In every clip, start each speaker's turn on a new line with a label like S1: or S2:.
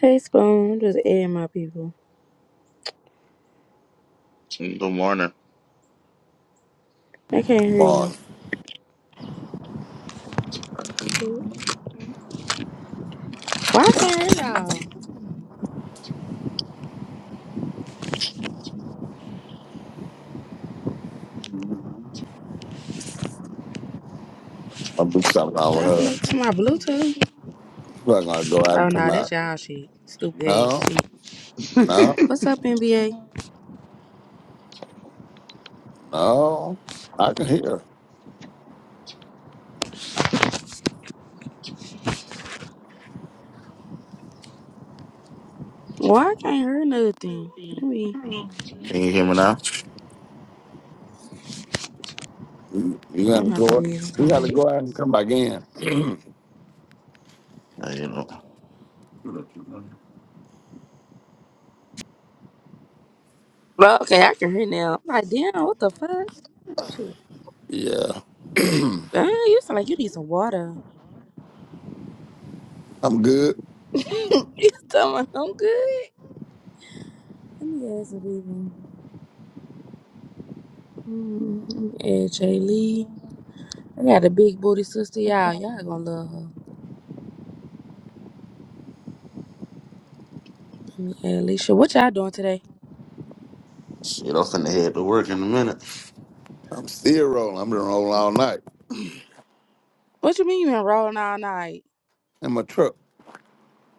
S1: Hey, Spoon. just add my people.
S2: Good morning.
S1: I can't hear you.
S3: on.
S1: Why I can't hear y'all?
S3: My boots stop calling
S1: Y'all
S3: her.
S1: connected
S3: She's
S1: to my Bluetooth?
S3: not gonna go out
S1: Oh,
S3: and come
S1: nah, that's
S3: out.
S1: y'all shit. Stupid
S3: No,
S1: ass shit.
S3: no,
S1: What's up, NBA?
S3: no. I can hear.
S1: Why I can't hear nothing? Let me...
S2: Can you hear me now?
S3: You, you
S1: I'm
S3: gotta
S1: about to
S3: go. out.
S1: leave and
S3: You
S1: come
S3: gotta
S1: back.
S3: go out and come back in.
S2: Uh, You know,
S1: Well, okay, I can hear now. I'm like, damn, what the fuck? Shit.
S3: Yeah,
S1: Damn, you sound like you need some water.
S3: I'm good.
S1: You sound like I'm good. Let me add some people. Hmm, let me add Jay Lee. I got a big booty sister, y'all. Y'all gonna love her. Let me add Alicia. What y'all doing today?
S2: shit, I'm finna head to work in a minute.
S3: I'm still rolling. I've been rolling all night
S1: What you mean you been rolling all night?
S3: in my truck.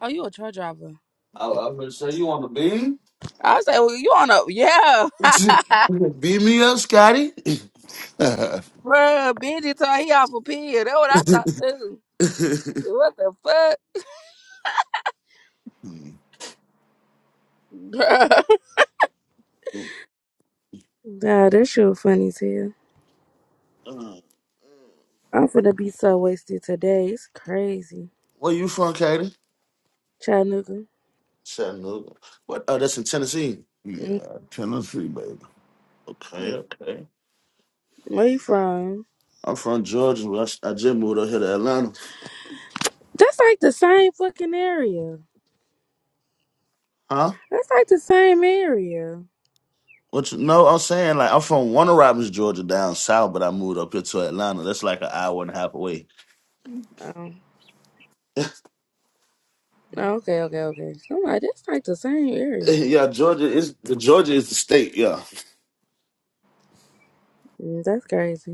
S1: Oh, you a truck driver.
S2: I,
S3: Yeah,
S2: I'm gonna say you on the beam.
S1: I say, well, you on a yeah.
S2: Beam me up, Scotty.
S1: Bruh, Benji told he off a pill. That's what I thought too. What the fuck?
S3: Hmm.
S1: Bruh. Nah, that shit funny as hell.
S2: Uh,
S1: I'm finna be so wasted today. It's crazy.
S2: Where you from, Katie?
S1: Chattanooga.
S2: Chattanooga. What? Oh, that's in Tennessee.
S1: Mhm.
S3: yeah Tennessee baby.
S2: Okay, okay.
S1: Where you from?
S2: I'm from Georgia. but I, s- I just moved up here to Atlanta.
S1: That's like the same fucking area.
S2: Huh?
S1: That's like the same area.
S2: What you know? I'm saying like I'm from Warner Robins, Georgia, down south, but I moved up here to Atlanta. That's like an hour and a half away.
S1: Oh. Oh, Okay, okay, okay. I'm like, that's like the same area.
S2: Yeah, Georgia is Georgia is the state. Yeah.
S1: Mm, That's crazy.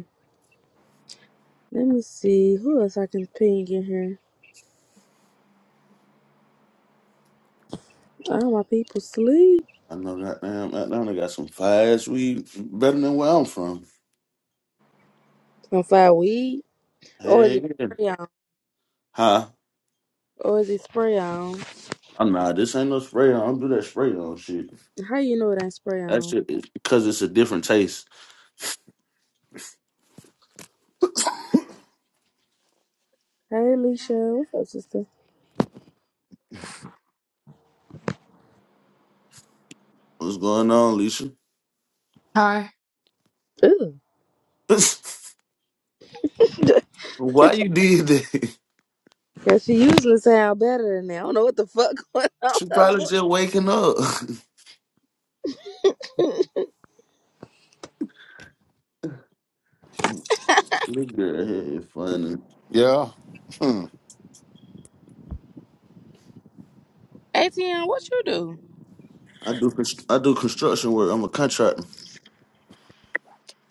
S1: Let me see who else I can ping in here. All my people sleep.
S2: I know that damn Atlanta got some fast weed better than where I'm from.
S1: On fire weed. Or is
S2: Hey,
S1: it spray on?
S2: huh?
S1: Or is it spray on?
S2: Oh, nah, this ain't no spray on. I don't do that spray on shit.
S1: How you know it ain't spray
S2: That
S1: on?
S2: shit is because it's a different taste.
S1: Hey Alicia, what's up, sister?
S2: What's going on, Leisha?
S4: Hi.
S1: Ooh.
S2: Why you did that?
S1: Yeah, she usually sound better than that. I don't know what the fuck going on.
S2: She probably just waking up. Nigga, hey, it's funny.
S3: Yeah. Hmm.
S1: ATM, what you do?
S2: I do const- I do construction work. I'm a contractor.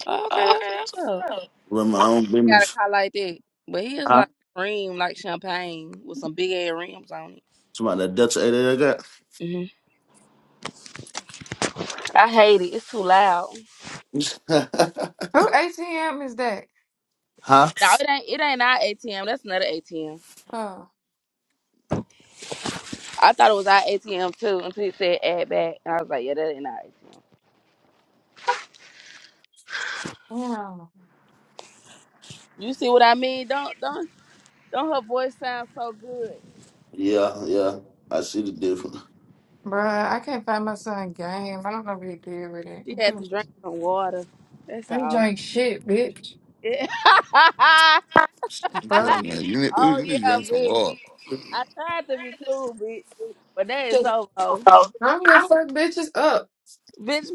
S1: Oh, okay,
S3: Oh,
S1: that's
S3: Okay, that's.
S1: what's up.
S2: Run
S1: I
S2: my own
S1: got a
S2: business.
S1: car like that. But he is
S2: Huh?
S1: like cream, like champagne with some big ass rims on
S2: Somebody that Delta
S1: it. hmm I hate it. It's too loud.
S2: 88 I got.
S4: Who ATM is that?
S2: huh?
S1: No, it ain't. It ain't our ATM. That's another ATM.
S4: Oh,
S1: I thought it was our ATM too until he said add back, and I was like, yeah, that ain't our ATM.
S4: yeah.
S1: You see what I mean? Don't don't don't. Her voice sound so good.
S2: Yeah, yeah. I see the difference.
S4: Bruh, I can't find my son games. I don't know what he did with it.
S1: She had to drink some water. That's
S4: I ain't
S1: all.
S4: drink shit, bitch.
S1: Yeah.
S3: I'm
S4: Fuck.
S3: telling you, you need, ooh,
S1: oh
S3: you need to
S1: yeah,
S3: drink some
S1: bitch.
S3: water.
S1: I tried to be cool, bitch, but that is so low,
S4: I'm here, fuck bitches up.
S1: bitch.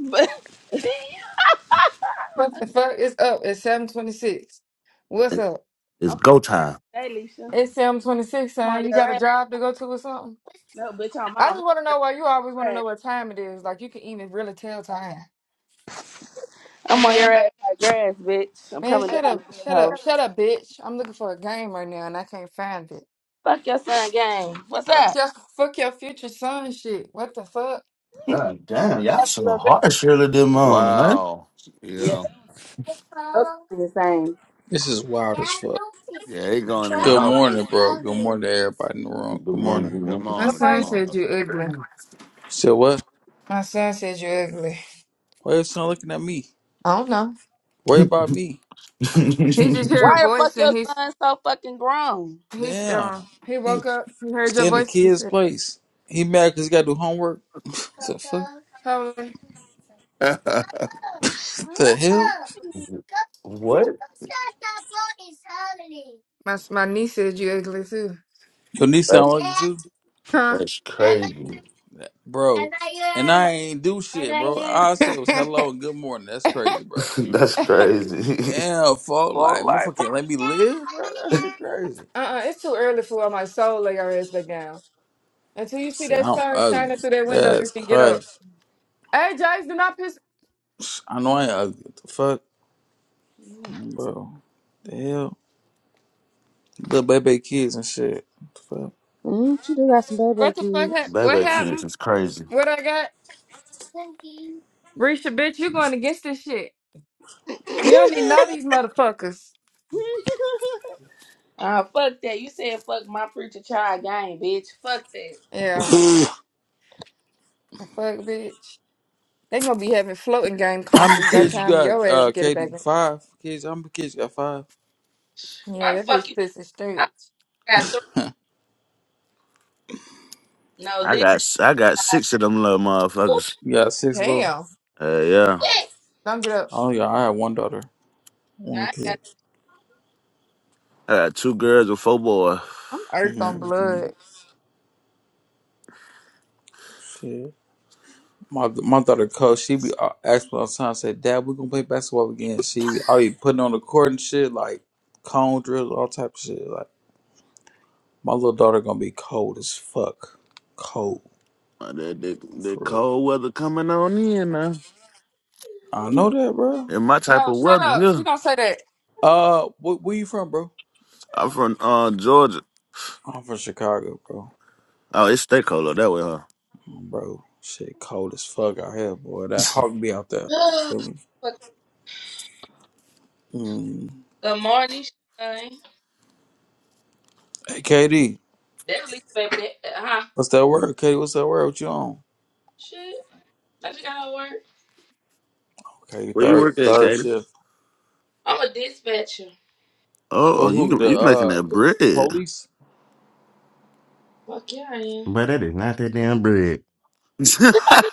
S4: What the fuck is up? It's 726. What's up?
S2: It's
S1: But
S2: go
S1: okay,
S2: time.
S1: hey, Leisha,
S4: It's 726,
S1: I'm
S4: son.
S1: on
S4: You
S1: your
S4: got a
S1: ass.
S4: job to go to or something?
S1: No, bitch, I'm
S4: I
S1: off.
S4: just want to know why you always want to know what time it is. Like, you can even really tell time. The
S1: I'm on your
S4: hell?
S1: ass like grass, bitch. I'm
S4: Man,
S1: coming
S4: shut
S1: down
S4: up.
S1: the
S4: Shut up.
S1: hoe.
S4: Shut up, bitch. I'm looking for a game right now and I can't find it.
S1: Fuck your son game. What's
S4: Fuck
S1: up?
S4: your, fuck your future son and shit. What the fuck?
S1: That's
S2: God damn, y'all
S1: a
S2: so
S1: little girl.
S2: harsh early this morning, huh?
S3: Wow.
S1: Yeah,
S3: Yeah.
S1: those are the same.
S5: This is wild as fuck.
S3: Yeah, they going in. the
S5: Good
S3: house.
S5: morning, bro. Good morning to everybody in the room.
S2: Good
S5: Good morning.
S3: Good
S2: morning,
S4: My
S1: Good
S3: morning. Good
S4: son
S1: morning.
S4: said
S3: morning.
S4: you ugly.
S5: So what?
S4: My son said you ugly.
S5: Why your son looking at me?
S4: I don't know.
S5: Worry
S2: good
S5: about me?
S4: He just
S2: morning.
S4: heard a
S1: Why the fuck
S4: voice
S1: your
S4: and he's
S1: son so fucking grown?
S4: he's
S5: Damn.
S4: um he
S5: He
S4: woke up. He heard your
S5: stay in
S4: voice. He
S5: kid's
S4: said,
S5: place. He mad because he got to do homework? What the fuck?
S4: "Probably."
S5: What the hell?
S2: what?
S4: My s- my niece said you ugly too.
S5: Your niece sound
S2: That's
S5: like you too?
S4: Huh?
S2: that's crazy.
S5: Bro. And I ain't do shit, bro. All I said was hello and good morning. That's
S4: Uh-uh,
S5: crazy, bro.
S2: that's crazy.
S5: Damn, fuck. Like, motherfucking let me live, bro. That's shit crazy.
S4: it's too early for where my soul lay her ass back down. Until you see
S5: Shit,
S4: that
S5: I'm
S4: sun
S5: ugly.
S4: shining through that window, you
S5: That's
S4: can get up.
S5: crazy.
S4: Hey, Jace, do not piss.
S5: I know I ain't ugly. What the fuck? Bro, the hell? Little baby kids and shit. What the
S1: Mm, she do got some baby
S4: What the fuck? hap what
S2: Baby kids
S4: happened?
S2: is crazy.
S4: What I got? Risha, bitch, you going against this shit.
S1: kids.
S4: You don't need none of these motherfuckers.
S1: Ah, fuck that. You said fuck my preacher child game, bitch. Fuck that.
S4: Yeah,
S5: Fuck.
S4: the fuck, bitch. They gonna be having floating game
S5: How many
S4: consoles by the
S5: kids you
S4: time
S5: got,
S4: your ass
S5: uh,
S4: get it back.
S5: Katie?
S4: in.
S5: Five kids? How many kids you got? Five?
S4: Yeah,
S1: Why the
S4: that
S1: fuck
S4: bitch
S1: you?
S4: pissing straight.
S1: I got three. No,
S2: I
S1: leave.
S2: got s- I got six of them little
S1: Ooh,
S2: motherfuckers.
S5: You got six, bro?
S4: Damn,
S2: Uh, yeah,
S1: yes.
S4: don't get up.
S5: Oh, yeah, I have one daughter. One
S1: Now I
S5: kid.
S2: I got two girls and four boys.
S4: I'm earth on
S5: Mm-hmm. mm-hmm.
S4: blood.
S5: Shit. My, my daughter, coach, she be uh, asking me all the time, say, Dad, we gonna play basketball again. She be, I be putting on the court and shit, like cone drills, all type of shit. Like, my little daughter gonna be cold as fuck. Cold,
S2: Uh, That that, that
S5: for real.
S2: cold weather coming on in now.
S5: I know that, bro.
S2: In my type
S4: No,
S2: of
S4: shut
S2: weather,
S4: up.
S2: yeah.
S4: She don't say that.
S5: Uh, wh- where you from, bro?
S2: I'm from uh Georgia.
S5: I'm from Chicago, bro.
S2: Oh, it's stay cold up that way, huh?
S5: Mm, Bro, shit cold as fuck out here, boy. That hawk be out there. Feel
S1: got.
S5: me? Mm.
S1: Good morning, Shine.
S5: Hey, KD,
S1: That's Lisa, baby. That, uh, huh?
S5: what's that word? KD, what's that word? What you on?
S1: Shit. I just got out of work.
S5: Okay, you
S2: Where you
S5: third
S2: work at,
S5: third
S2: Katie?
S5: shift.
S1: I'm a dispatcher.
S2: Oh, oh,
S5: For
S2: you
S5: who?
S2: can-
S5: The
S2: you making
S5: uh
S2: that bread?
S5: the police?
S1: Fuck yeah, I am.
S6: But that is not that damn bread.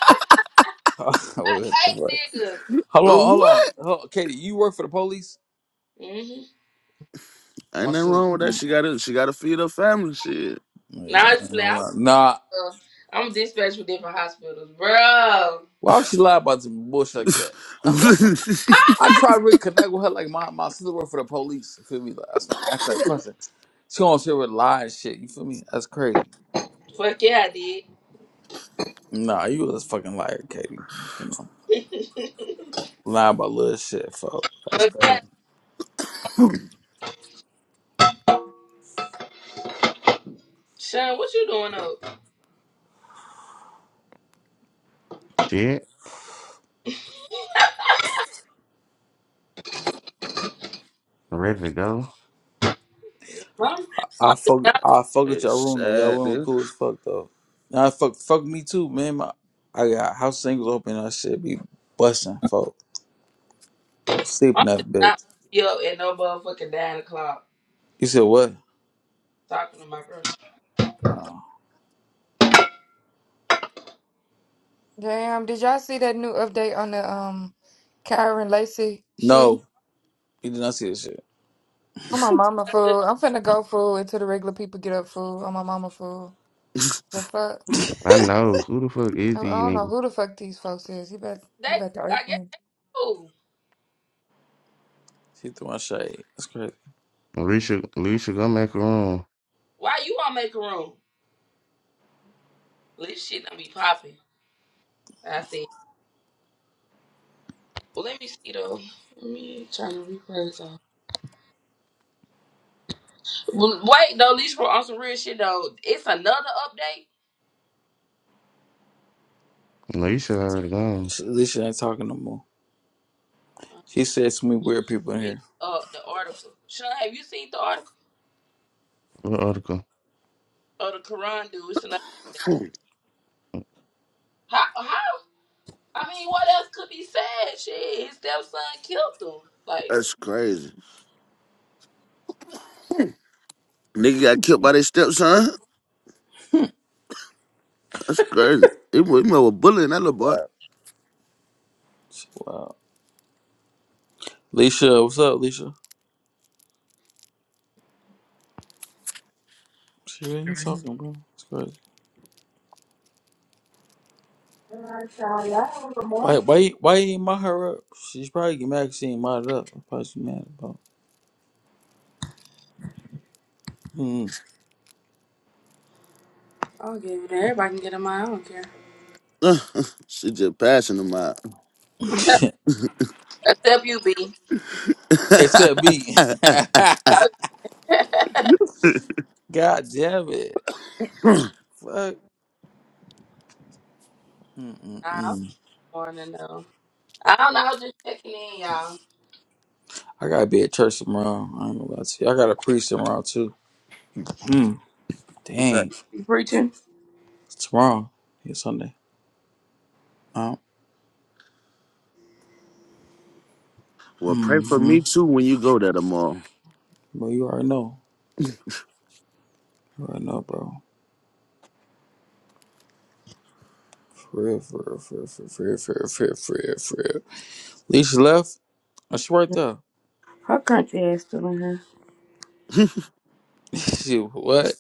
S5: what
S1: I
S5: the fuck?
S1: hate niggas.
S5: Hold on, hold on.
S2: what?
S5: Hold, KD, you work for the police?
S1: Mm-hmm.
S2: Ain't
S5: My
S2: nothing
S5: sister.
S2: wrong with that.
S5: Mm,
S2: She got to she got to feed her family. Shit.
S5: yeah,
S1: Now
S5: nah,
S1: I
S5: I
S1: just
S5: ain't
S1: play.
S5: gonna
S1: I,
S5: lie. Nah,
S1: uh, I'm a dispatcher for different hospitals. Bro.
S5: why would she lie about some bullshit like that? I try to reconnect with her like my, my sister work for the police. You feel me? Like, that's why I asked that question. She on shit with lie and shit. You feel me? That's crazy.
S1: Fuck yeah, I did.
S5: Nah, you was a fucking liar, Katie. You know, lying about little shit, fuck. That's
S1: Fuck
S5: crazy.
S1: yeah. Sean, what you doing up?
S6: Shit. I'm ready to go.
S1: I'm, I'm
S5: I
S1: just
S5: fuck,
S1: not,
S5: I fuck with your
S2: it's
S5: room though. Your
S2: sad,
S5: room
S2: dude.
S5: cool as fuck though. Nah, fuck, fuck me too, man. My, I got house singles open. That shit be busting, fuck. I'm sleeping
S1: I'm
S5: that
S1: just not
S5: bitch.
S1: be up at no motherfucking 9 o'clock
S5: You said what?
S1: talking to my girl.
S5: Oh.
S4: Damn, did y'all see that new update on the um Kyron Lacey shit?
S5: No, you did not see this shit.
S4: I'm
S1: You,
S4: my mama fool.
S1: they,
S4: I'm finna go fool until the regular people get up fool. I'm my mama fool. The fuck?
S6: I know. Who the fuck is
S4: I, I
S6: these
S4: don't know
S6: niggas?
S4: who the fuck these folks is. He about he about to
S1: I
S4: irk
S1: guess,
S4: me.
S1: who?
S5: She threw my shade. That's crazy.
S6: Alicia, Alicia, go back room.
S1: Why you want to make a room? This shit don't be popping. Like I said, well, let me see though. Let me turn the replays off. Well, wait though, at Least for on some real shit though. It's another update.
S6: Alicia already gone.
S5: She, Leisha ain't talking no more.
S1: Uh,
S5: She
S1: she just
S5: said so many weird people in
S1: read
S5: here.
S1: uh the article. Sean, have you seen the article?
S6: What article?
S1: Oh, the Quran dude. It's another. How? How? I mean, what else could be said? Shit, his stepson killed him. Like.
S2: That's crazy. Nigga got killed by their stepson. That's crazy. He was, he was bullying that little boy.
S5: Wow. Leisha, what's up, Leisha? She really ain't talking, bro. It's crazy.
S1: All right, y'all. Y'all have a good
S5: Why,
S1: morning.
S5: why, why you ain't mod her up? She's probably get mad 'cause she ain't modded up. That's probably she mad about. Mm.
S1: I'll give it. to Everybody can get in my. I don't care.
S2: she just passing him out.
S1: Except you, B.
S5: Except me.
S2: okay.
S1: nah,
S5: God damn it. Fuck.
S1: I'm
S5: Mm-mm-mm.
S1: morning though. I don't know. I was just checking in, y'all.
S5: I gotta be at church tomorrow. I ain't gonna lie to you. I got to preach tomorrow too. Mm. Dang.
S1: She preaching.
S5: It's Tomorrow. It's Sunday. Um,
S2: Well, pray for me too when you go there tomorrow.
S5: bro, you already know. You already know, bro. For real, for real, for real, for real, for real, for real, for real, for real. Leash left. Oh, she right there.
S1: Her crunchy ass still in here.
S5: she what?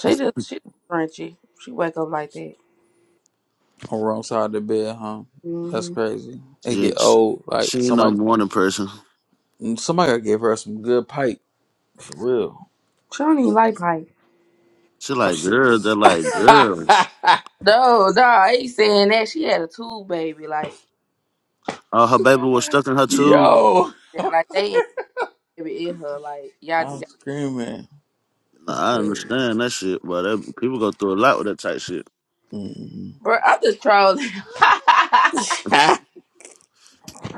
S1: She just she just crunchy. She wake up like that.
S5: on the wrong side of the bed, huh? That's
S1: hmm
S5: crazy. It get
S2: Jinx.
S5: old. Like
S2: She ain't no
S5: somebody,
S2: morning person.
S5: somebody gotta give her some good pipe for real.
S1: She don't even like pipe.
S2: She like girls. They're like girls.
S1: No, no, I ain't saying that. She had a tube baby, like
S2: Oh, her baby was stuck in her tube.
S5: Yo,
S1: like they ain't baby in her. Like y'all just
S5: I'm
S1: got.
S5: screaming. That's
S2: Nah, I
S5: crazy.
S2: understand that shit, but that, people go through a lot with that type shit.
S5: mm
S1: Bro, I'm just trolling.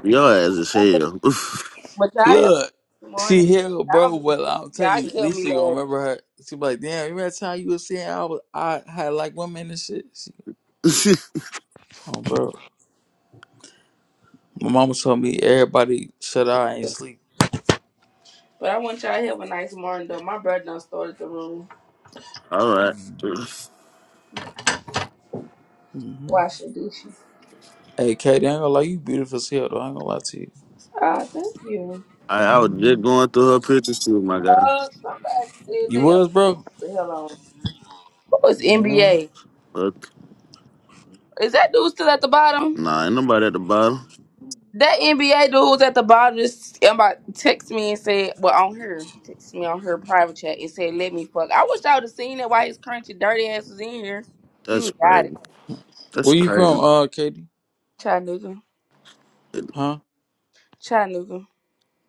S2: Your ass is hell.
S1: but y'all have
S5: Look,
S1: a nice
S5: she
S1: morning.
S5: held,
S1: Y'all
S5: bro.
S1: be
S5: Well,
S1: cool.
S5: I'll tell
S1: y'all
S5: you, at
S1: killed
S5: least
S1: me
S5: you gonna
S1: laughing.
S5: remember her. She be like, damn, remember that time you was saying I was, I had like women and shit. She, oh, bro. My mama told me everybody shut eye and sleep.
S1: But I want y'all to have a nice morning though. My brother done started the room
S2: All right.
S5: Mhm.
S1: washing dishes.
S5: Hey, Katie, I ain't gonna lie, you beautiful as hell, though. I ain't gonna lie to you.
S1: Ah, thank you.
S2: I, I was
S5: Mhm.
S2: just going through her pictures too, my guy.
S1: Uh, somebody said
S5: You
S1: they a
S5: was, bro?
S1: the hell on. Oh, it's
S5: Man.
S1: NBA.
S2: Look,
S1: Is that dude still at the bottom?
S2: nah, ain't nobody at the bottom.
S1: That NBA dude was at the bottom. Just about text me and said, "Well, on her, he texted me on her private chat and said, let me fuck.' I wish I would have seen that. while his crunchy dirty ass was in here. He
S2: That's
S1: would got it.
S2: crazy. That's
S5: Where you from,
S2: crazy.
S5: uh, Katie?
S1: Chattanooga,
S5: Huh?
S1: Chattanooga,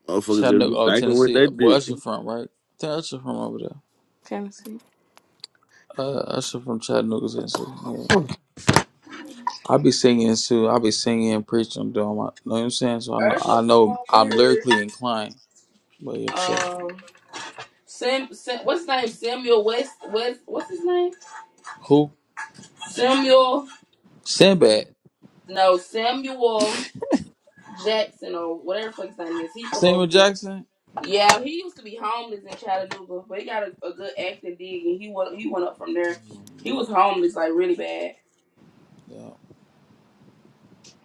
S2: Motherfuckers just
S5: Chattanooga,
S2: be
S5: oh,
S2: thinking what
S5: Tennessee.
S2: they
S5: Boy,
S2: did.
S5: that's your from, right? That's your from over there.
S1: Tennessee.
S5: Uh, that's your from Chattanooga, Tennessee. Yeah. I be singing, too. I be singing and preaching, doing my, know what I'm saying? So I know, I
S1: Usher
S5: know
S1: from over
S5: I'm
S1: here.
S5: lyrically inclined. But yeah, for sure.
S1: Um, Sam, Sam, what's his name? Samuel West. West. What's his name?
S5: Who?
S1: Samuel.
S5: Sinbad.
S1: No, Samuel Jackson or whatever the fuck his name is. He from over
S5: Samuel
S1: here.
S5: Jackson?
S1: Yeah, he used to be homeless in Chattanooga, but he got a, a good acting gig, and he went he went up from there. He
S5: Mhm.
S1: was homeless like really bad.
S5: Yeah.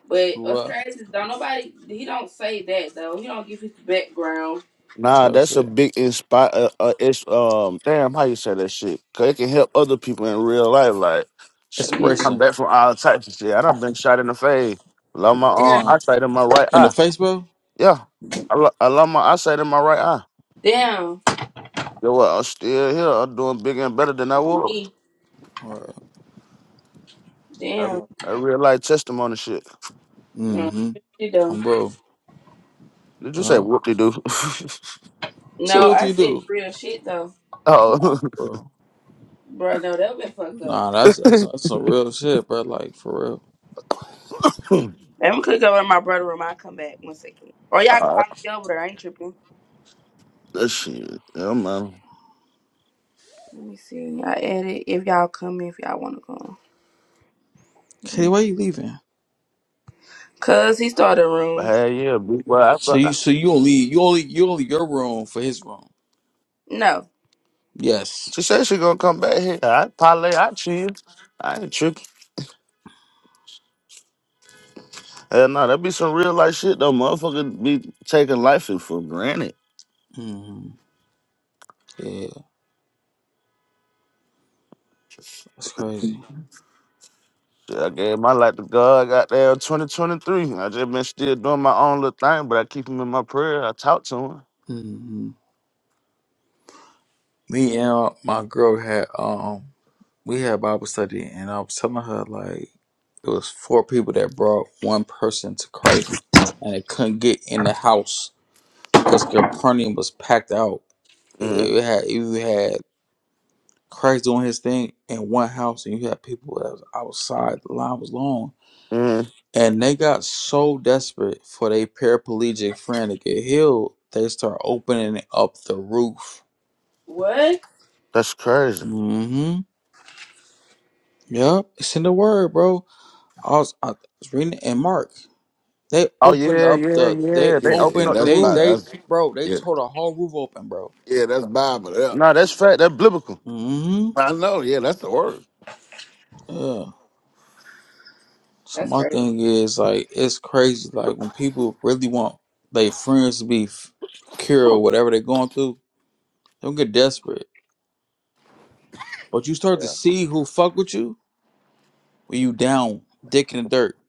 S1: But
S5: Grew
S1: us
S5: up.
S1: crazy is don't nobody he don't say that though. He don't give his background.
S2: Nah,
S5: Tough
S2: that's a
S5: shit.
S2: big inspire. Uh, uh, it's um, damn, how you say that shit? Cause it can help other people in real life. Like, shit, you
S1: Yeah.
S2: come
S5: Expression.
S2: back from all types of shit. I done been shot in the face. Lost my
S1: Damn.
S2: arm,
S5: Damn.
S2: eyesight in my right
S5: In the
S2: eye.
S5: Facebook?
S2: Yeah, I, lo- I lost my eyesight in my right eye.
S1: Damn.
S2: Yo, what? I'm still here. I'm doing bigger and better than I
S1: On
S2: was.
S1: me.
S2: I,
S1: Damn.
S2: I real life testimony shit.
S1: No,
S5: Mm-hmm.
S1: shit though.
S5: Oh, bro.
S2: Did you say
S5: Huh?
S2: whoop de doo?
S5: So
S1: No,
S5: what do
S1: I
S5: you
S1: said
S5: do?
S1: real shit though.
S5: Nah,
S2: oh,
S5: bro.
S1: Bro, no, that been fucked up.
S5: Nah, that's that's that's some real shit, bro. Like for real.
S1: Let me click over to my brother room. I'll come back one second. Or y'all can
S2: all right.
S1: find me over there. I ain't tripping.
S2: That shit. Yeah, man.
S1: Let me see. I edit if y'all come in, if y'all want to come.
S5: Okay, why you leaving?
S1: Cause he started a
S2: But
S1: room.
S2: hey, yeah, big boy.
S5: So you so you only you only you only your room for his room.
S1: No.
S5: Yes.
S2: She said she gonna come back here. I parlay, I chill. I ain't tripping. Hell no, that be some real life shit though. Motherfucker be taking life for granted.
S5: Mm-hmm. Yeah, that's crazy.
S2: Shit, I gave my life to God goddamn 2023. I just been still doing my own little thing, but I keep him in my prayer. I talk to him.
S5: Mm-hmm. Me and uh, my girl had um we had Bible study and I was telling her like it was four people that brought one person to Christ and they couldn't get in the house because Capernaum was packed out. You
S2: Mm-hmm.
S5: it had you had Christ doing his thing in one house, and you had people that was outside. The line was long,
S2: mm
S5: and they got so desperate for their paraplegic friend to get healed, they start opening up the roof.
S1: What?
S2: That's crazy.
S5: Mm-hmm. Yep, it's in the word, bro. I was I was reading it in Mark. They
S2: Oh
S5: opened
S2: yeah,
S5: up
S2: yeah,
S5: the. They
S2: yeah. They
S3: Yeah, yeah,
S2: open
S5: opened.
S2: up the
S3: that's
S5: They
S2: roof.
S3: Bible.
S5: they
S3: That's
S5: bro. They
S3: yeah,
S5: tore the whole roof open, bro.
S3: yeah, that's Bible. Yeah.
S2: Nah, that's fact. That's biblical.
S5: Mm-hmm.
S3: I know. Yeah, that's the word.
S5: Yeah. So
S1: That's
S5: my
S1: great.
S5: thing is like it's crazy. Like when people really want their friends to be f- cured or whatever they're going through, they don't get desperate. But you start to
S3: Yeah,
S5: see who fuck with you when you down, dick in the dirt.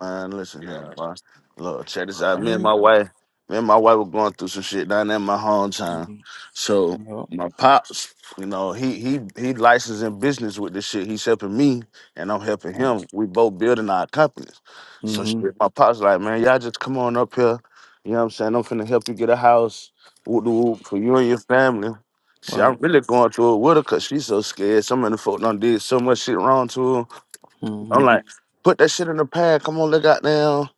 S2: Man, listen here,
S3: yeah,
S2: boy. Look, check this out. Me and
S5: Mm-hmm.
S2: my wife, me and my wife were going through some shit down there in my hometown. So
S5: Yep.
S2: my pops, you know, he he he licensing business with this shit. He's helping me and I'm helping him. We both building our companies. So shit,
S5: Mm-hmm.
S2: my pops like, man, y'all just come on up here. You know what I'm saying? I'm finna help you get a house whoop de whoop, for you and your family. See,
S5: What?
S2: I'm really going through it with her because she's so scared. Some of the folk done did so much shit wrong to her.
S5: Mm-hmm.
S2: I'm like, put that shit in the pad. Come on, let goddamn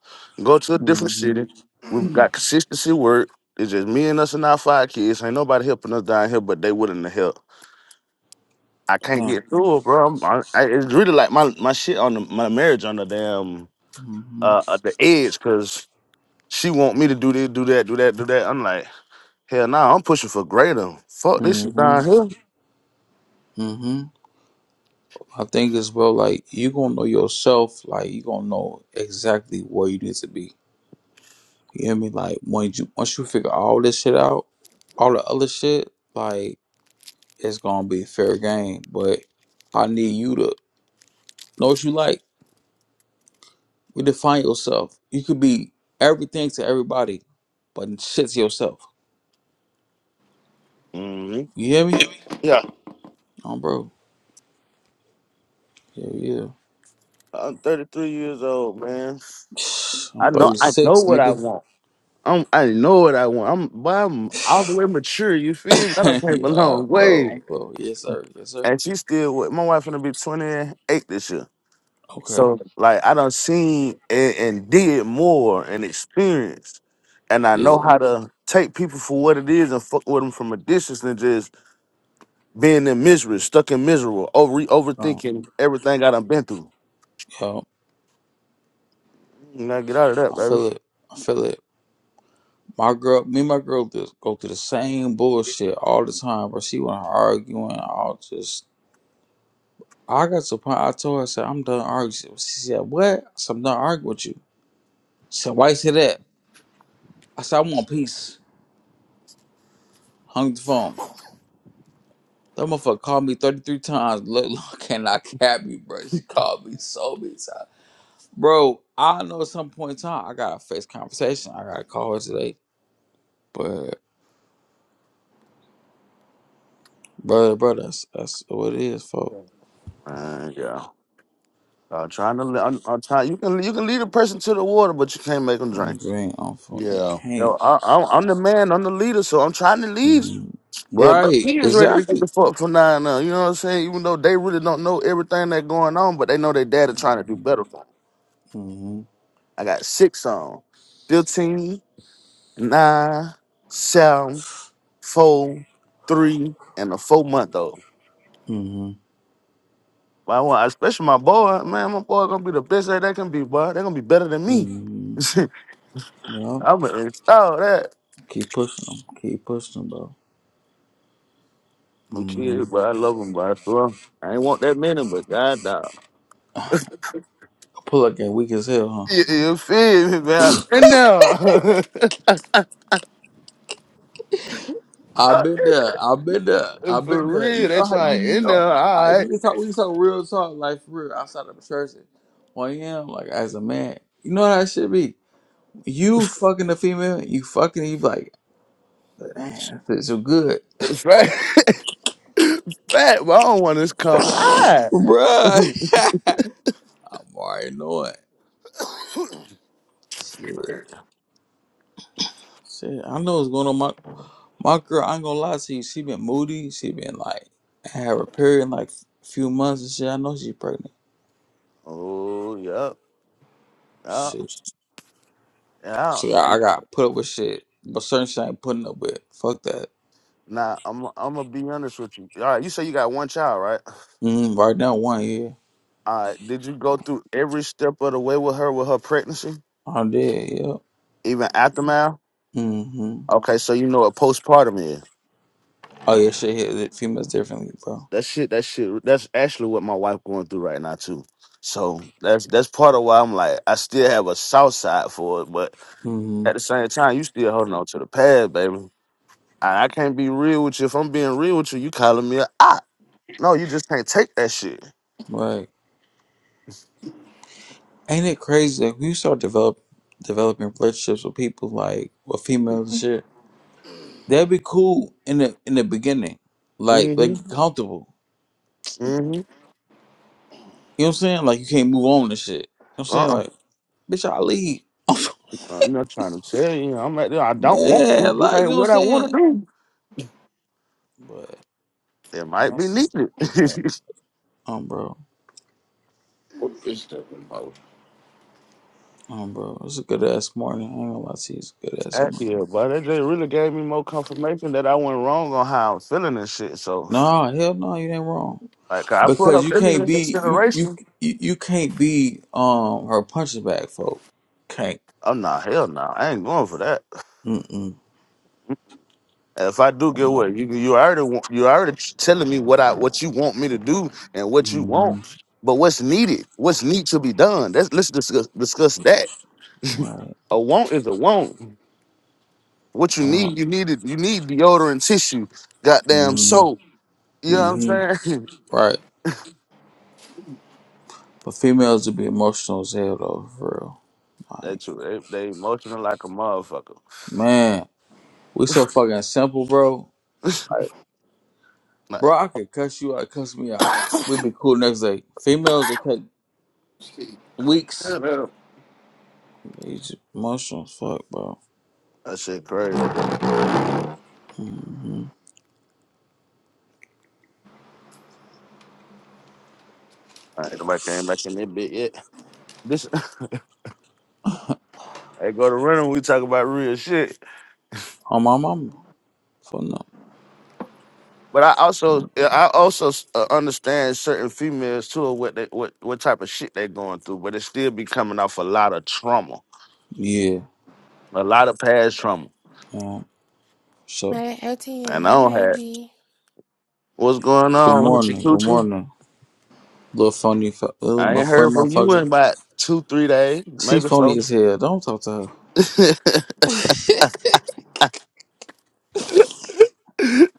S2: go to a different
S5: Mm-hmm.
S2: city. We've got consistency work. It's just me and us and our five kids. Ain't nobody helping us down here, but they willing to help. I can't
S5: Yeah.
S2: get through it, bro. I'm- i I, it's really like my, my shit on the, my marriage on the damn
S5: Mm-hmm.
S2: uh, uh, the edge because she want me to do this, do that, do that, do that. I'm like, hell nah, I'm pushing for greater. Fuck this shit down
S5: Mm-hmm.
S2: here.
S5: Mm-hmm. I think as well, like you gonna know yourself, like you gonna know exactly where you need to be. You hear me? Like when you once you figure all this shit out, all the other shit, like it's gonna be fair game. But I need you to know what you like. Redefine yourself. You could be everything to everybody, but shit to yourself.
S2: hmm
S5: You hear me?
S2: Yeah,
S5: Oh bro. Yeah, yeah.
S2: I'm 33 years old, man.
S5: I'm
S2: I know I know
S5: 36,
S2: what I
S5: nigga.
S2: want. I'm I know what I want. I'm but I'm all the way mature, you feel me? I done came a
S5: Yo,
S2: long
S5: bro,
S2: way.
S5: I'm bro. Yes, sir. Yes, sir.
S2: And she still with my wife gonna be 28 this year.
S5: Okay.
S2: So like I done seen and, and did more and experienced. And I
S5: Yeah.
S2: know how to take people for what it is and fuck with them from a distance than just being in misery, stuck in miserable, over
S5: Um,
S2: overthinking everything I done been through.
S5: yo,
S2: You gotta get out of that,
S5: I
S2: baby.
S5: feel it. I feel it. My girl, me and my girl just go through the same bullshit all the time, bro. She want to argue and all just. I got to the point. I told her, I said, I'm done arguing. She she said, What? I said, I'm done arguing with you. She said, Why you say that? I said, I want peace. Hung the phone. That motherfucker called me 33 times. Look, look, and cap me, bro. She called me so many times. Bro, I know at some point in time, I got to face conversation. I got to call her today. But, brother, brother, that's, that's what it is, folks.
S2: Man, yeah. I'm trying to. li- I'm, I'm trying. You can. You can lead a person to the water, but you can't make them
S5: I
S2: drink.
S5: I'm on
S3: yeah.
S5: phone.
S2: Yo, I, I'm, I'm the man. I'm the leader, so I'm trying to lead.
S5: Mhm.
S2: Hell, but
S5: Right,
S2: he is ready to get
S5: exactly.
S2: the fuck for nine now. on out. You know what I'm saying? Even though they really don't know everything that's going on, but they know their dad is trying to do better for them.
S5: Mm-hmm.
S2: I got six on 15, nine, seven, four, three, and a four month old.
S5: Mm-hmm.
S2: But I want, especially my boy, man, my boy gonna be the best that they can be, boy. They gonna be better than me.
S5: Mm-hmm. Yeah,
S2: I'm gonna install that.
S5: keep pushing them. Keep pushing them, bro.
S2: I'm kidding,
S5: Mm-hmm.
S2: but I love them, but I swear. I ain't want that many, but god nah.
S5: Pull up game weak as hell,
S2: You,
S5: huh?
S2: you feel me, man? In there.
S5: I've been there. I've been there. I've been
S2: For
S5: there. You
S2: real, they
S5: know how you, you
S2: trying in
S5: know.
S2: there,
S5: I
S2: all
S5: we
S2: right.
S5: can talk. We can talk real talk, like for real, outside of the church. Well, yeah, like as a man, you know how that should be. You fucking a female, you fucking, you be like, man, that feels so good,
S2: Fat, fat, but I don't want this come. All right.
S5: bruh. I'm already knowing. Shit. Shit, I know what's going on. My my girl, I ain't gonna lie to you. She been moody. She been like had her period in like a few months and shit. I know she's pregnant.
S2: Oh, yep. Yeah.
S5: Shit,
S2: Yeah.
S5: shit, I, I got put up with shit, but certain shit I ain't putting up with. Fuck that.
S2: Nah, I'm I'm gonna be honest with you. All right, you say you got one child, right?
S5: Mm, right now, one year.
S2: All right, did you go through every step of the way with her with her pregnancy,
S5: I did. Yep.
S2: even aftermath?
S5: Mm-hmm.
S2: Okay, so you know what postpartum is.
S5: Oh yeah, shit hit the females differently, bro.
S2: that shit that shit that's actually what my wife going through right now too so that's that's part of why i'm like i still have a south side for it but
S5: Mm-hmm.
S2: at the same time you still holding on to the past baby i, I can't be real with you if i'm being real with you you calling me a op. no you just can't take that shit
S5: Right. Ain't it crazy that we start develop developing relationships with people like with females and shit? That'd be cool in the in the beginning, like
S2: mm-hmm
S5: like get comfortable.
S2: mm-hmm
S5: You know what I'm saying? Like you can't move on to shit. You know what I'm saying?
S2: uh-uh
S5: Like, bitch, I leave.
S2: i'm not trying to tell you i'm like i don't want to
S5: Man,
S2: this
S5: like, you
S2: ain't
S5: know what I'm
S2: what i want
S5: saying?
S2: to do
S5: But
S2: it might be
S5: that's
S2: needed.
S5: um bro.
S3: What is that remote?
S5: Um bro. It's a good ass morning. I ain't gonna lie to you, it's a good ass
S2: Uh,
S5: morning.
S2: yeah, but that just really gave me more confirmation that I went wrong on how I'm feeling and shit. So
S5: No, hell no, you ain't wrong.
S2: Like I put
S5: Because
S2: her
S5: you
S2: feeling
S5: can't
S2: in
S5: be you you
S2: consideration.
S5: you, you can't be um her punching bag folk. Can't.
S2: I'm not hell no. I ain't going for that.
S5: Mm mm.
S2: If I do get what you you already want, you already telling me what I what you want me to do and what you
S5: Mm-hmm.
S2: want. But what's needed? What's need to be done? That's let's discuss discuss that.
S5: Right.
S2: A want is a want. What you
S5: Uh,
S2: need, you need it. You need deodorant, tissue, goddamn
S5: mm-hmm.
S2: soap. You know what I'm
S5: Mm-hmm.
S2: saying?
S5: Right. But females would be emotional as hell though, for real. like.
S2: That's true. They, they emotional like a motherfucker.
S5: Man, we so fucking simple, bro. Like,
S2: Like,
S5: bro, I could cuss you out, cuss me out.
S2: that
S5: We'd be cool next day. Females that take
S3: See, yeah,
S5: weeks.
S3: that
S5: They just mushrooms, fuck, bro.
S2: shit crazy. All
S5: Mm-hmm.
S2: right, nobody came back in that bit yet. This I go to rental. We talk about real shit.
S5: On my mama, for no.
S2: But I also, I also uh, understand certain females too, what they, what what type of shit they going through. But it still be coming off a lot of trauma,
S5: Yeah.
S2: a lot of past trauma.
S5: Um. So,
S7: Man,
S2: And I
S7: ATM,
S2: don't have
S7: maybe.
S2: what's going
S5: good
S2: on, hoochie
S5: morning, good
S2: coochie.
S5: morning, little phony, fu- little
S2: I
S5: my
S2: ain't
S5: funny
S2: heard from you in
S5: motherfucker.
S2: about two, three days,
S5: She
S2: maybe
S5: phony
S2: so.
S5: as hell. Don't talk to her.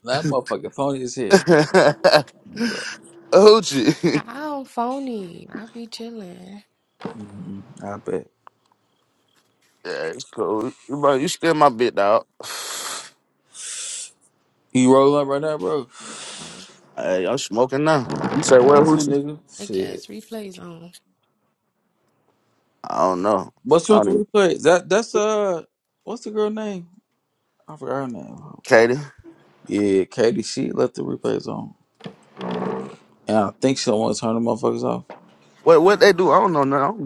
S5: That motherfucker phony as hell, bro.
S2: hoochie,
S7: I I don't phony. I be chilling.
S5: Mm-hmm. I bet.
S2: yeah, it's cool. You, bro, you still my bit dog.
S5: You rolling up right now, bro?
S7: Um,
S2: Hey, I'm smoking now. You say what,
S5: Me too,
S2: hoochie?
S5: nigga.
S7: I
S5: Shit.
S7: guess replays on.
S2: I don't know.
S5: What's
S2: I
S5: with
S2: don't
S5: the
S2: even.
S5: replay? That that's uh, what's the girl name? I forgot her name.
S2: Katie.
S5: Yeah, Katie. She left the replays on, and I think she don't want to turn the motherfuckers off.
S2: What what they do?
S7: Um,
S2: I don't know. now. I, don't,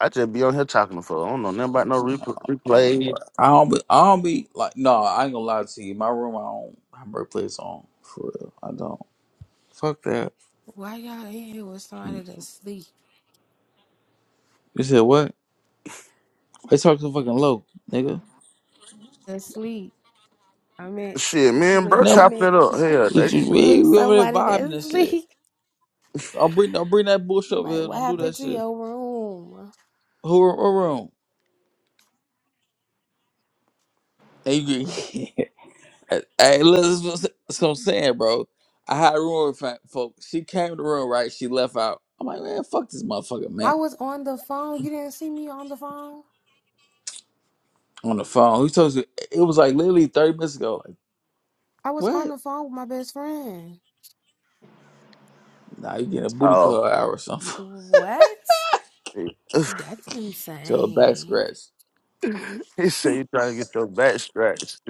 S2: I just be on here talking to folks. I don't know nothing about no replay.
S5: Oh,
S2: replay.
S5: Lord. I don't be, I don't be like, no, I ain't gonna lie to you. My room, I don't have replays on for real. I don't. Fuck that.
S7: why y'all in here with somebody that sleep?
S5: You said what? They talk so fucking low, nigga.
S7: That sleep. I meant
S2: Shit, me and bro
S7: with. I
S5: No,
S2: chopping it
S7: meant
S2: up. Hell,
S5: you,
S2: they.
S5: you, we
S7: with
S5: we over there
S7: somebody
S5: vibing and
S7: that
S5: shit.
S7: sleep.
S5: I'll bring, I'll bring that bullshit over
S7: Like,
S5: here.
S7: what
S5: Don't do that
S7: happened to
S5: shit.
S7: your room?
S5: Who, who room? And you get Hey, hey, look, that's what what I'm saying, bro. I had a room with fa- folks. She came to the room, right? She left out. I'm like, man, fuck this motherfucker, man.
S7: I was on the phone. You didn't see me on the phone.
S5: On the phone. Who told you? It was like literally 30 minutes ago. Like,
S7: I was on
S5: what?
S7: the phone with my best friend.
S5: Nah, you getting a booty
S2: Oh,
S5: call hour or something.
S7: What?
S2: shit.
S7: That's
S5: to a back
S7: insane.
S5: scratch.
S2: he said you trying to get your back stretched.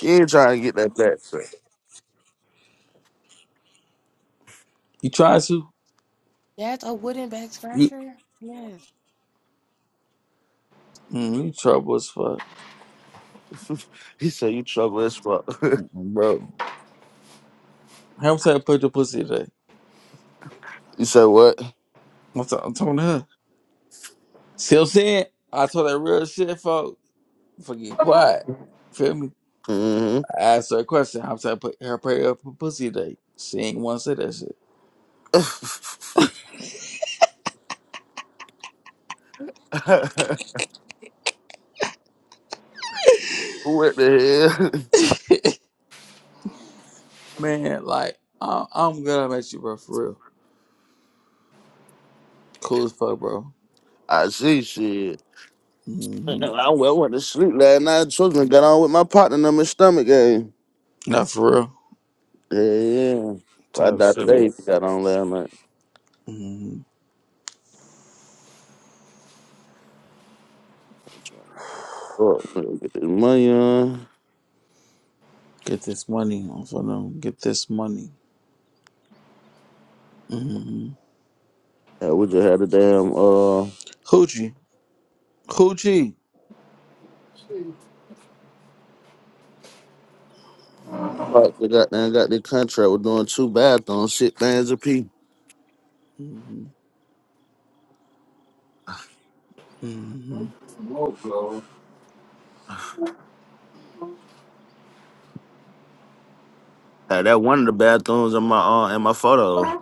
S2: You ain't trying to get that back
S5: You trying to?
S7: That's a wooden back
S5: You,
S7: scratcher. Yes.
S5: mm, you trouble as fuck.
S2: stretched. he said you trouble as fuck.
S5: Mm, Bro, how much I put your pussy today?
S2: you said what?
S5: I'm, t- I'm talking to her. See what I'm saying? I told that real shit, folks. Fucking quiet. Feel me?
S2: hmm
S5: I asked her a question. I was like, "Put her prayer up for pussy day. She ain't want to say that shit.
S2: what the hell?
S5: Man, like, I, I'm glad I met you, bro, for real. Cool as fuck, bro.
S2: I see shit.
S5: Mm-hmm.
S2: I went, went to sleep last night. Children got on with my partner in my stomach game.
S5: Not for real.
S2: Yeah, yeah. I
S5: Type
S2: thought
S5: shit.
S2: they got on last night.
S5: hmm
S2: I'm trying to go up. Let me get this money on.
S5: Get this money. I'm finna get this money. Mm-hmm.
S2: Yeah, we just had the damn uh
S5: Hoochie. Hoochie.
S2: fuck, we got damn got this contract. We're doing two bathrooms, shit things a pee.
S5: Mm-hmm. Mm-hmm.
S3: remote blow.
S2: Had that one of the bathrooms in my uh in my photo.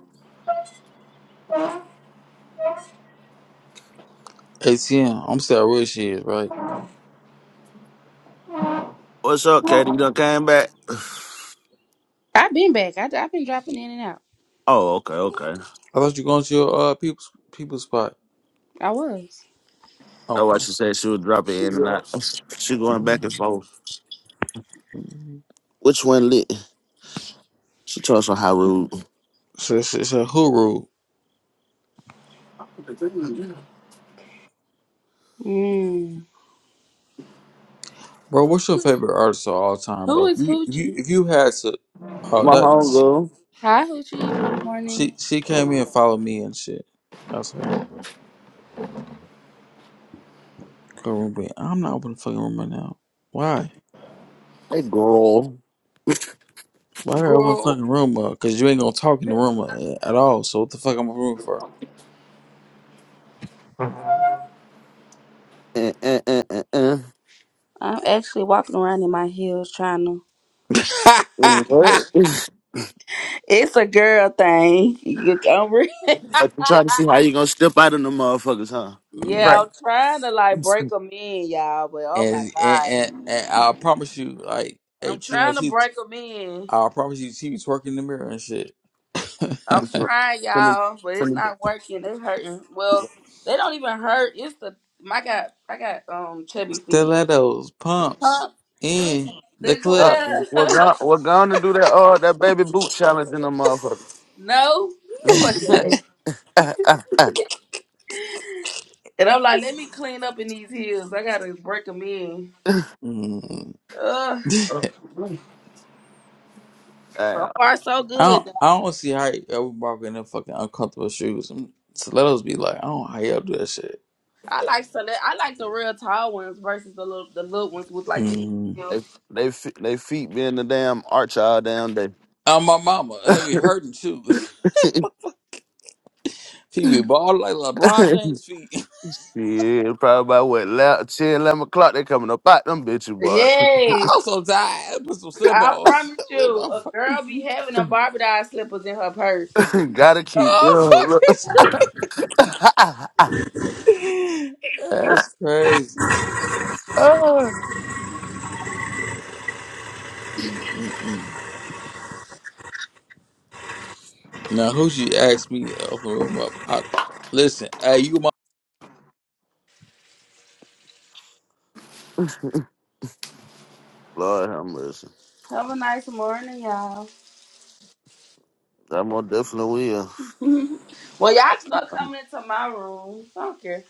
S5: ATM. I'm still where she is, right?
S2: What's up, Katie? You done came back?
S1: I've been back. I, I've been dropping in and out.
S2: Oh, okay, okay.
S5: I thought you going to your uh, people's, people's spot.
S1: I was.
S2: That's why
S5: Okay.
S2: she said she would drop it
S3: Yeah.
S2: in and
S3: You
S2: out. She going back
S5: Mm-hmm.
S2: and forth.
S5: Mm-hmm.
S2: Which one lit? She talks on how rude.
S5: So, so, so,
S1: Mm.
S5: Bro, what's your favorite artist of all time,
S1: Who
S5: bro?
S1: is
S5: You, you,
S1: Hoochie?
S5: if you had to, oh,
S2: My
S5: that she,
S2: homegirl.
S1: Hi, Hoochie. Morning.
S5: she she came in and followed me and shit. That's her. Go room, but I'm not opening the fucking room right now. Why?
S2: Hey girl.
S5: Why are you opening the
S1: Girl.
S5: fucking room up? Cause you ain't gonna talk in the room a- at all. So what the fuck I'm opening room for?
S2: Eh, eh, eh, eh, eh.
S1: I'm actually walking around in my heels trying to.
S2: What?
S1: It's a girl thing. You can
S2: I'm trying to see how you gonna step out of them motherfuckers, huh? You
S1: Yeah,
S2: right.
S1: I'm trying to like break them in, y'all, but oh my
S5: And and,
S1: God.
S5: and and I promise you, like
S1: I'm trying
S5: ATM,
S1: to
S5: she,
S1: break them in.
S5: I promise you, she was working the mirror and shit.
S1: I'm trying,
S2: Finna-
S1: y'all, but it's
S2: finna-
S1: not working. They hurting. Well, they don't even hurt. It's the my got I got um chubby feet.
S5: Stilettos, pumps
S1: Huh? In
S5: in the
S1: the
S2: God,
S5: club.
S2: We're
S1: club.
S2: gonna we're gonna do that uh that baby boot challenge in them motherfuckers.
S1: no, who the fuck is that? And I'm like, let me clean up in these heels. I gotta break them in.
S5: Mm.
S1: Ugh. So
S2: Damn.
S1: far, so
S5: I don't,
S1: good.
S5: I don't see how y'all be walking in fucking uncomfortable shoes. And stilettos be like, I don't know how y'all do that shit.
S1: I like so I like the real tall ones versus the little the little ones with like the.
S5: Mm.
S2: They,
S1: heel.
S2: they fe- they feet being the damn arch all damn day.
S5: Uh, my mama, they be hurting shoes. She be bald like LeBron James feet.
S2: yeah, probably about what 11, 10, eleven o'clock they coming up out them bitches, boy.
S1: Yes,
S5: I'm so tired. I Put some
S1: I
S5: slip-ons.
S1: promise
S5: in
S1: you,
S5: my
S1: a
S5: fu-
S1: girl be having a Barbie doll slippers in her purse.
S2: Gotta keep. Yeah,
S5: oh, fuck
S2: look.
S5: this That's crazy.
S2: Ah, Lord
S5: Mm-mm-mm. Now, who she asked me to open the room up? I, listen, hey, you my...
S2: have mercy.
S1: Have a nice morning, y'all.
S2: I most definitely will.
S1: well, y'all just gonna come into my room. I don't care.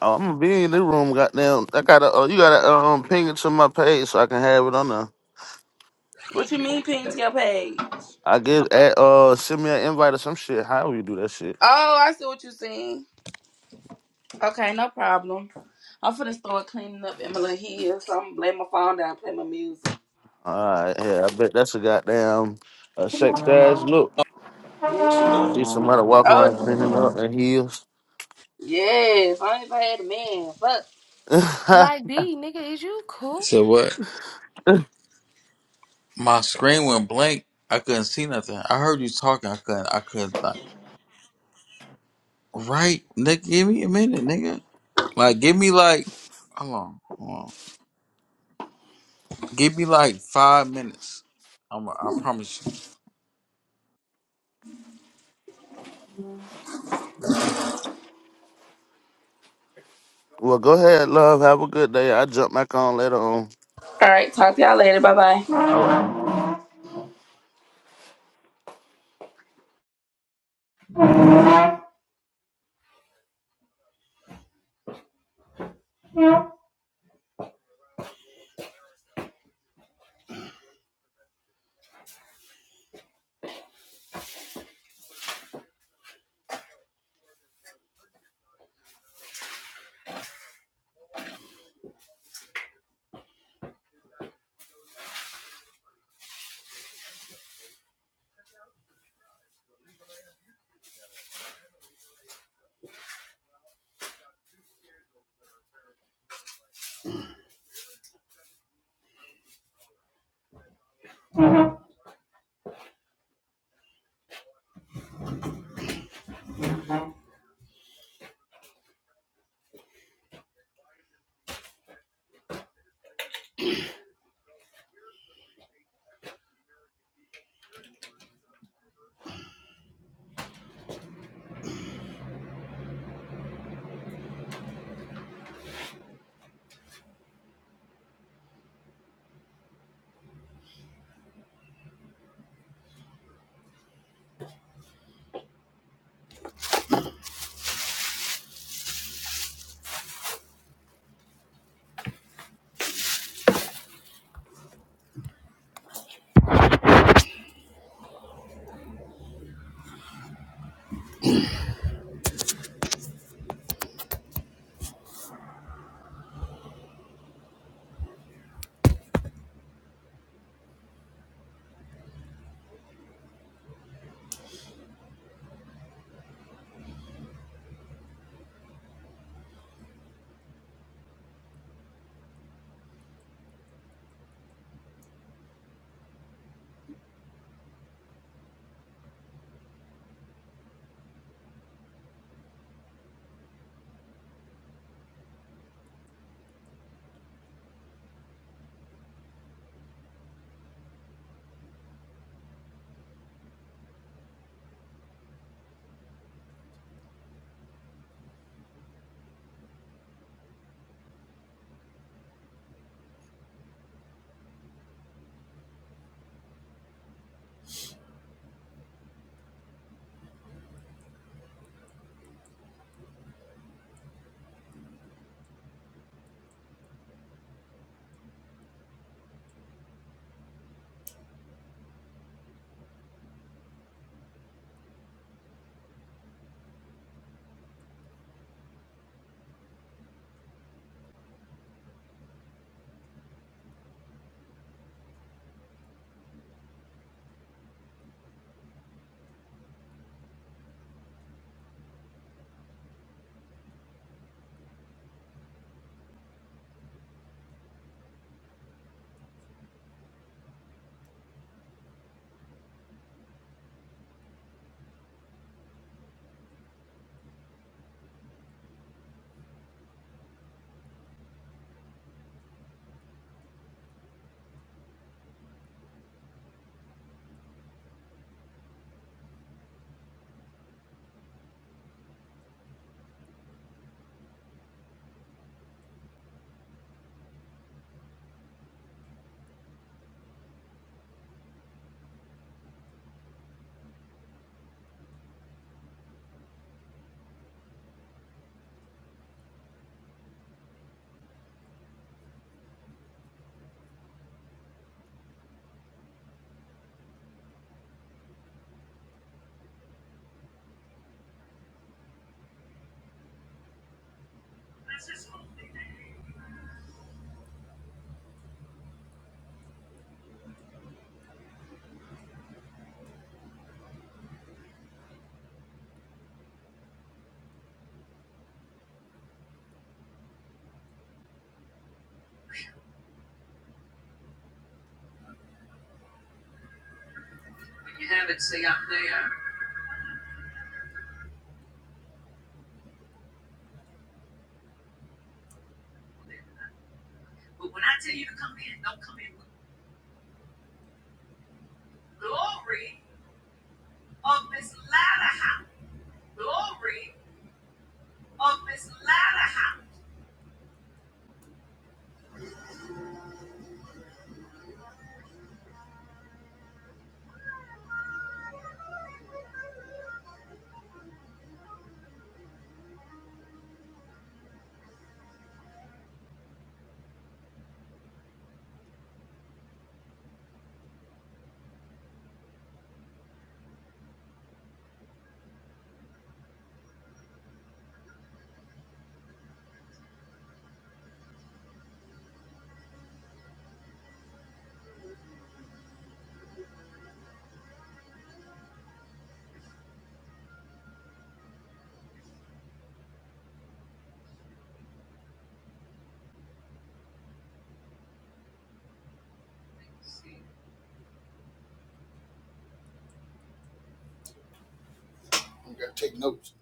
S2: Oh, I'm gonna be in the room. Goddamn, I gotta. Uh, you gotta uh, um ping it to my page so I can have it on there.
S1: What you mean, ping to your page?
S2: I give at uh send me an invite or some shit. How you do that shit?
S1: Oh, I see what you saying. Okay, no problem. I'm finna start cleaning up in my little Hill, so I'm gonna lay my phone down and play my music.
S2: All right, yeah, I bet that's a goddamn uh, sex ass look. See
S1: hmm
S2: see somebody walk
S1: Oh,
S2: around cleaning up in heels.
S1: yes. I ain't even had a man. Fuck.
S2: well,
S7: Like, B, nigga, is you cool?
S5: So what? My screen went blank. I couldn't see nothing. I heard you talking. I couldn't. I couldn't. like, Right, nigga, give me a minute, nigga. Like, give me like, hold on, hold on. Give me like five minutes. I'm, I promise you.
S2: go ahead, love. Have a good day. I will jump back on later on.
S1: All right, talk to y'all later. Bye bye.
S2: All right.
S3: have it, see, I'm there. But when I tell you to come in, don't come in with glory of this latter house. Glory of this latter house.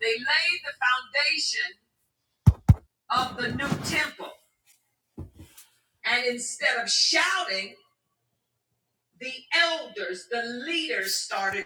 S3: They laid the foundation of the new temple. And instead of shouting, the elders, the leaders started.